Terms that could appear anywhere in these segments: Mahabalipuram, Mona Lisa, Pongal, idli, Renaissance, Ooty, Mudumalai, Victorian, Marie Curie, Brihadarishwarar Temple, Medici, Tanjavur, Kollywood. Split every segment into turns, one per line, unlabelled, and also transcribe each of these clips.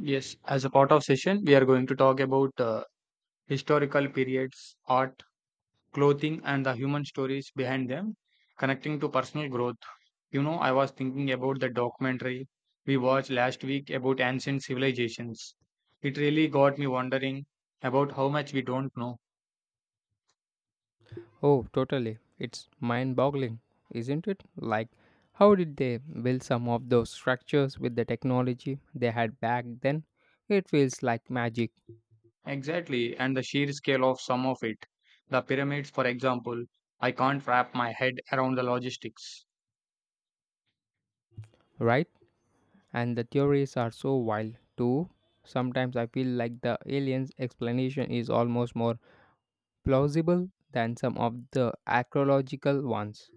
Yes, as a part of session, we are going to talk about historical periods, art, clothing, and the human stories behind them, connecting to personal growth. You know, I was thinking about the documentary we watched last week about ancient civilizations. It really got me wondering about how much we don't know
Oh, totally. It's mind boggling, isn't it? Like, how did they build some of those structures with the technology they had back then? It feels like magic,
exactly and the sheer scale of some of it. The pyramids, for example, I can't wrap my head around the logistics.
right? And the theories are so wild, too. Sometimes I feel like the aliens' explanation is almost more plausible than some of the archaeological ones.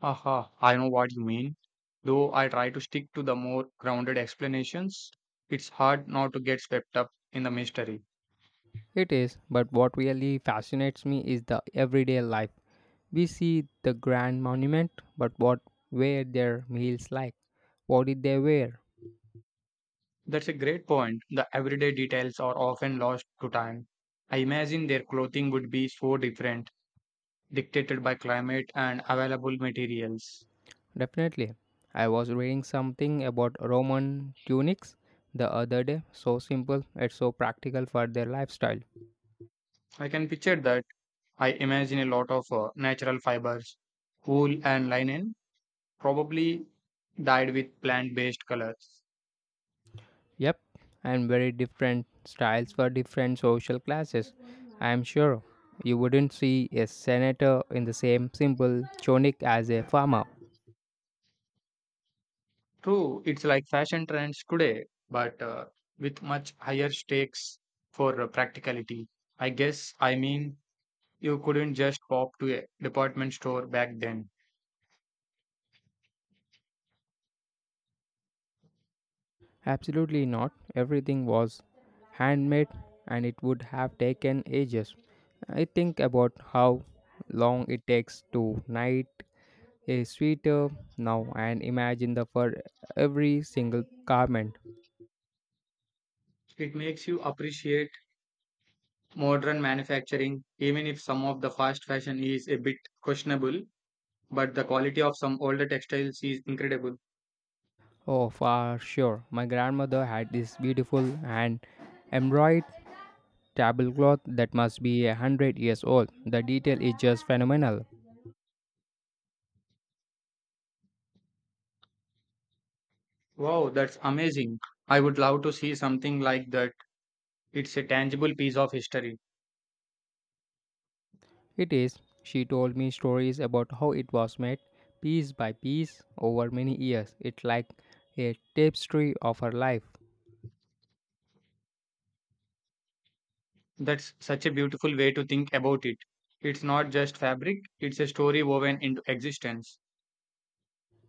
Haha, I know what you mean. Though I try to stick to the more grounded explanations, it's hard not to get swept up in the mystery.
It is, but what really fascinates me is the everyday life. We see the grand monument, but what were their meals like? What did they wear?
That's a great point. The everyday details are often lost to time. I imagine their clothing would be so different, dictated by climate and available materials.
Definitely. I was reading something about Roman tunics the other day. So simple, it's so practical for their lifestyle.
I can picture that. I imagine a lot of natural fibers, wool and linen, probably dyed with plant-based colors.
Yep, and very different styles for different social classes. I am sure you wouldn't see a senator in the same simple chonik as a farmer.
True, it's like fashion trends today, but with much higher stakes for practicality. I guess, I mean, you couldn't just pop to a department store back then.
Absolutely not. Everything was handmade and it would have taken ages. I think about how long it takes to knight a sweater now and imagine the for every single garment.
It makes you appreciate modern manufacturing, even if some of the fast fashion is a bit questionable, but the quality of some older textiles is incredible.
Oh, for sure. My grandmother had this beautiful hand embroidered tablecloth that must be 100 years old. The detail is just phenomenal.
Wow, that's amazing. I would love to see something like that. It's a tangible piece of history.
It is. She told me stories about how it was made piece by piece over many years. It's like a tapestry of her life.
That's such a beautiful way to think about it. It's not just fabric, it's a story woven into existence.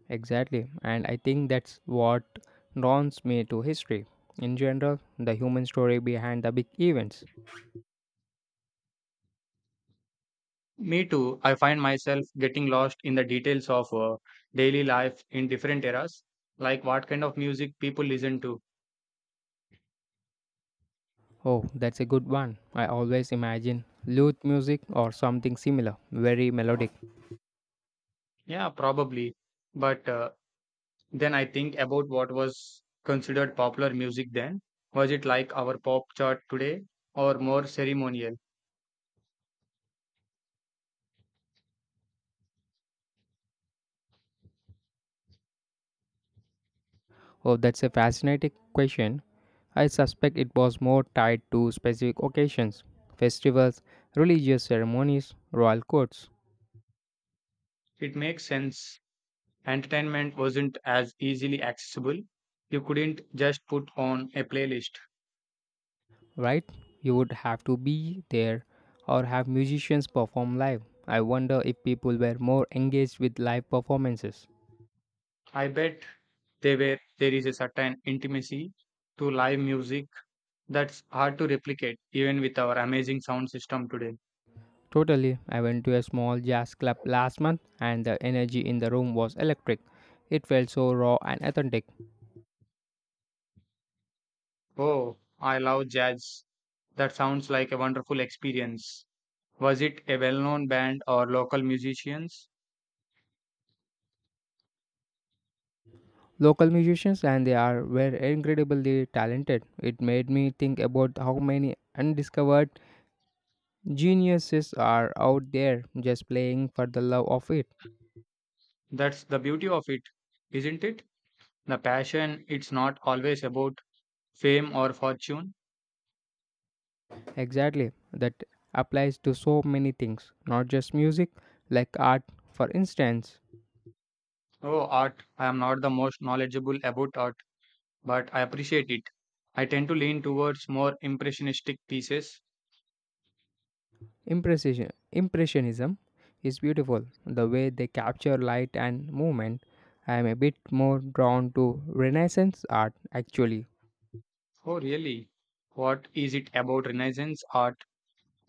Exactly. And I think that's what draws me to history. In general, the human story behind the big events.
Me too, I find myself getting lost in the details of daily life in different eras, like what kind of music people listen to.
Oh, that's a good one. I always imagine lute music or something similar, very melodic.
Yeah, probably. But then I think about what was considered popular music then. Was it like our pop chart today or more ceremonial?
Oh, that's a fascinating question. I suspect it was more tied to specific occasions, festivals, religious ceremonies, royal courts,
It makes sense entertainment wasn't as easily accessible. You couldn't just put on a playlist.
right? You would have to be there or have musicians perform live. I wonder if people were more engaged with live performances.
I bet they were, there is a certain intimacy to live music that's hard to replicate even with our amazing sound system today.
Totally, I went to a small jazz club last month and the energy in the room was electric. It felt so raw and authentic.
Oh, I love jazz. That sounds like a wonderful experience. Was it a well known band or local musicians?
Local musicians and they are were incredibly talented. It made me think about how many undiscovered geniuses are out there just playing for the love of it.
That's the beauty of it, isn't it? The passion, it's not always about fame or fortune.
Exactly. That applies to so many things, not just music, like art, for instance.
Oh, art. I am not the most knowledgeable about art, but I appreciate it. I tend to lean towards more impressionistic pieces.
Impressionism is beautiful, the way they capture light and movement. I am a bit more drawn to Renaissance art actually.
Oh, really? What is it about Renaissance art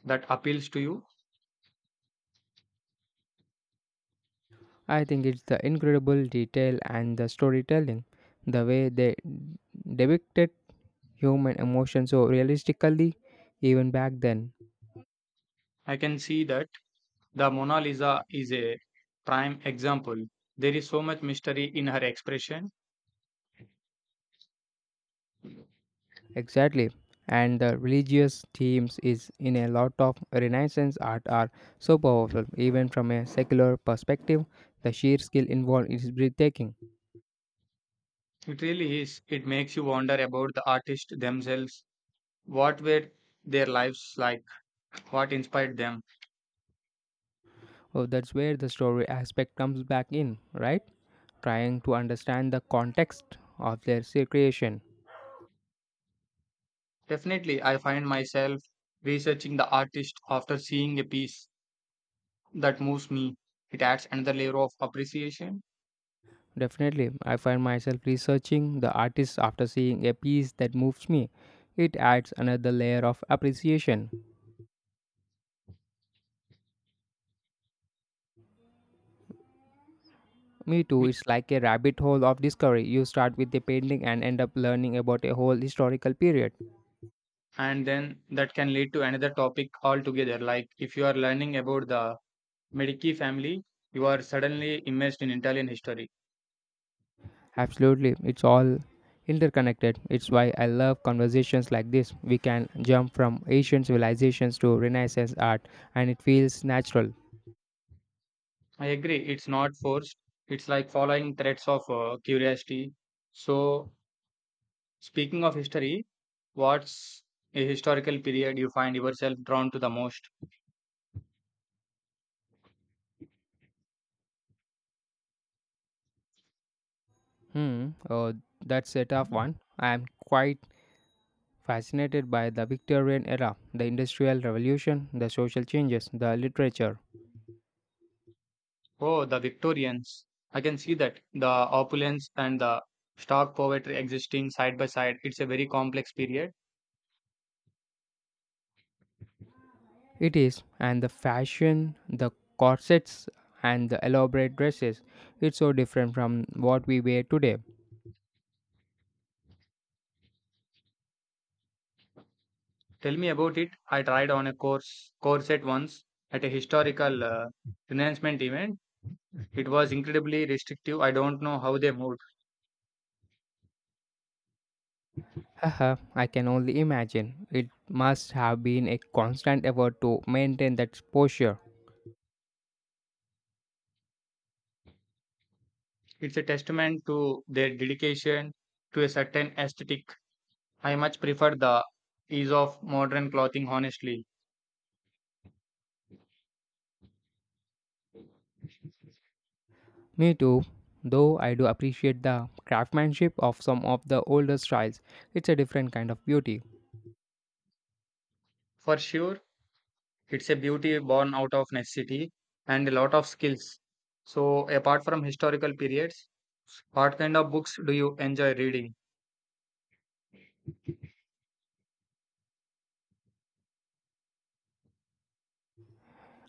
that appeals to you?
I think it's the incredible detail and the storytelling, the way they depicted human emotion so realistically even back then.
I can see that the Mona Lisa is a prime example. There is so much mystery in her expression.
Exactly. And the religious themes is in a lot of Renaissance art are so powerful. Even from a secular perspective, the sheer skill involved is breathtaking.
It really is. It makes you wonder about the artists themselves. What were their lives like? What inspired them?
Oh, that's where the story aspect comes back in, right? Trying to understand the context of their creation.
Definitely, I find myself researching the artist after seeing a piece that moves me. It adds another layer of appreciation,
Definitely, I find myself researching the artist after seeing a piece that moves me. It adds another layer of appreciation. Me too, it's like a rabbit hole of discovery. You start with a painting and end up learning about a whole historical period.
and then that can lead to another topic altogether. Like if you are learning about the Medici family, you are suddenly immersed in Italian history.
Absolutely, it's all interconnected. It's why I love conversations like this. We can jump from ancient civilizations to Renaissance art, and it feels natural.
I agree, it's not forced, it's like following threads of curiosity. So, speaking of history, what's a historical period you find yourself drawn to the most?
Oh, that's a tough one. I'm quite fascinated by the Victorian era, the Industrial Revolution, the social changes, the literature.
Oh, the Victorians. I can see that. The opulence and the stark poetry existing side by side. It's a very complex period.
It is, and the fashion, the corsets, and the elaborate dresses. It's so different from what we wear today.
Tell me about it. I tried on a course corset once at a historical renouncement event. It was incredibly restrictive. I don't know how they moved.
Haha, I can only imagine. It must have been a constant effort to maintain that posture.
It's a testament to their dedication to a certain aesthetic. I much prefer the ease of modern clothing, honestly.
Me too, though I do appreciate the craftsmanship of some of the older styles. It's a different kind of beauty.
For sure, it's a beauty born out of necessity and a lot of skills. So, apart from historical periods, what kind of books do you enjoy reading?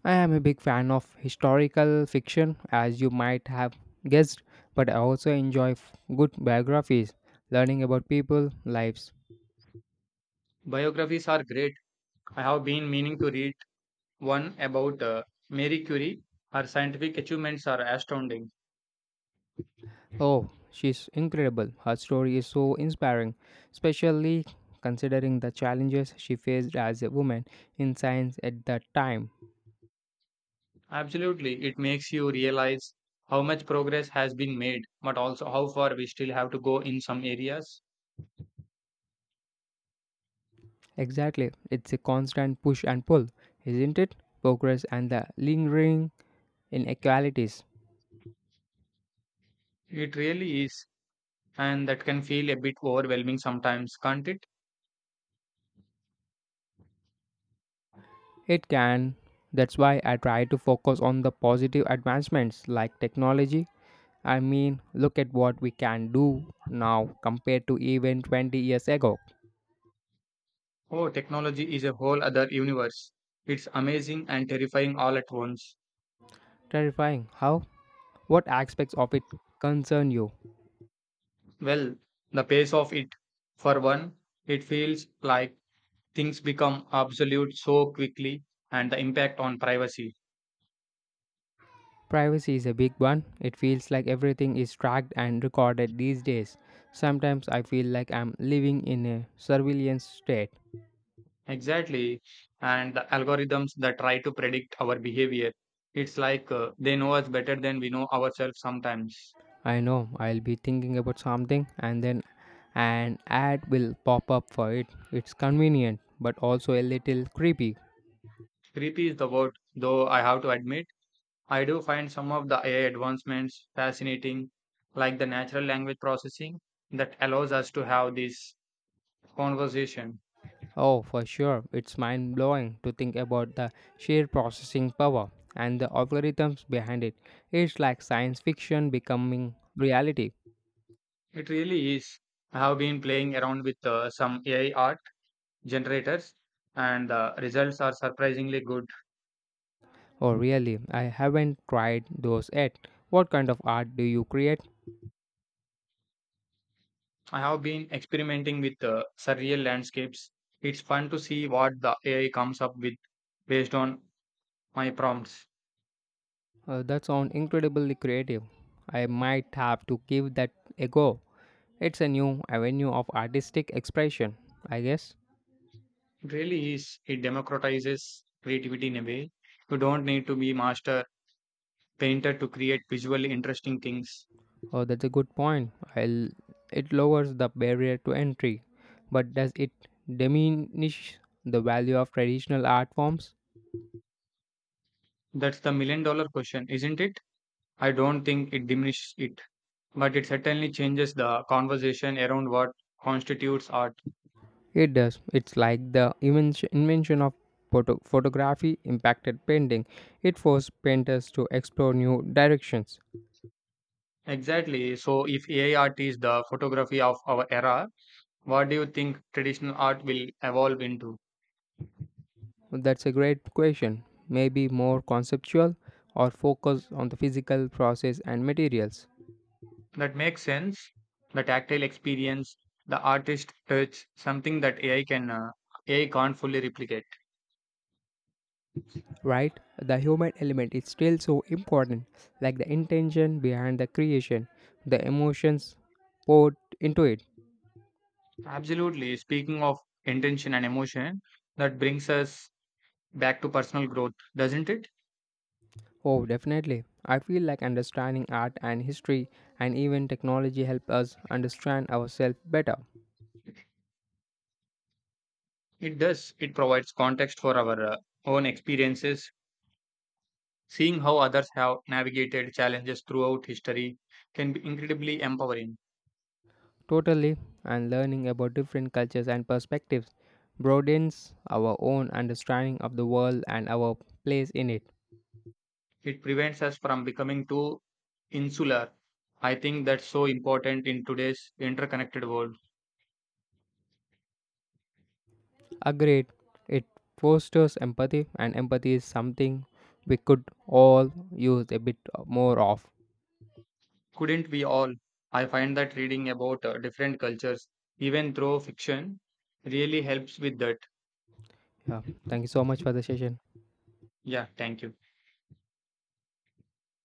I am a big fan of historical fiction, as you might have guessed, but I also enjoy good biographies, learning about people, lives.
Biographies are great. I have been meaning to read one about Marie Curie. Her scientific achievements are astounding.
Oh, she's incredible. Her story is so inspiring, especially considering the challenges she faced as a woman in science at that time.
Absolutely, it makes you realize how much progress has been made, but also how far we still have to go in some areas.
Exactly, it's a constant push and pull, isn't it? Progress and the lingering inequalities.
It really is, and that can feel a bit overwhelming sometimes, can't it?
It can. That's why I try to focus on the positive advancements like technology. I mean, look at what we can do now compared to even 20 years ago.
Oh, technology is a whole other universe. It's amazing and terrifying all at once.
Terrifying. How? What aspects of it concern you?
Well, the pace of it, for one, it feels like things become obsolete so quickly and the impact on privacy.
Privacy is a big one. It feels like everything is tracked and recorded these days. Sometimes I feel like I'm living in a surveillance state.
Exactly. And the algorithms that try to predict our behavior. It's like they know us better than we know ourselves sometimes.
I know I'll be thinking about something and then an ad will pop up for it. It's convenient but also a little creepy.
Creepy is the word, though I have to admit. I do find some of the AI advancements fascinating, like the natural language processing that allows us to have this conversation.
Oh, for sure, it's mind blowing to think about the sheer processing power and the algorithms behind it. It's like science fiction becoming reality.
It really is. I have been playing around with some AI art generators, and the results are surprisingly good.
Oh, really? I haven't tried those yet. What kind of art do you create?
I have been experimenting with surreal landscapes. It's fun to see what the AI comes up with based on my prompts.
That sounds incredibly creative. I might have to give that a go. It's a new avenue of artistic expression, I guess.
It really is. It democratizes creativity in a way. You don't need to be master painter to create visually interesting things?
Oh, that's a good point. It lowers the barrier to entry, but does it diminish the value of traditional art forms?
That's the million dollar question, isn't it? I don't think it diminishes it, but it certainly changes the conversation around what constitutes art.
It does. It's like the invention of photography impacted painting. It forced painters to explore new directions.
Exactly. So, if AI art is the photography of our era, what do you think traditional art will evolve into?
That's a great question. Maybe more conceptual or focus on the physical process and materials.
That makes sense. The tactile experience, the artist touch, something that AI can't fully replicate.
Right? The human element is still so important, like the intention behind the creation, the emotions poured into it.
Absolutely. Speaking of intention and emotion, that brings us back to personal growth, doesn't it?
Oh, definitely. I feel like understanding art and history and even technology help us understand ourselves better.
It does. It provides context for our own experiences. Seeing how others have navigated challenges throughout history can be incredibly empowering.
Totally, and learning about different cultures and perspectives broadens our own understanding of the world and our place in it.
It prevents us from becoming too insular. I think that's so important in today's interconnected world.
Agreed, it fosters empathy, and empathy is something we could all use a bit more of.
Couldn't we all? I find that reading about different cultures, even through fiction, really helps with that.
Yeah, thank you so much for the session.
Yeah, thank you.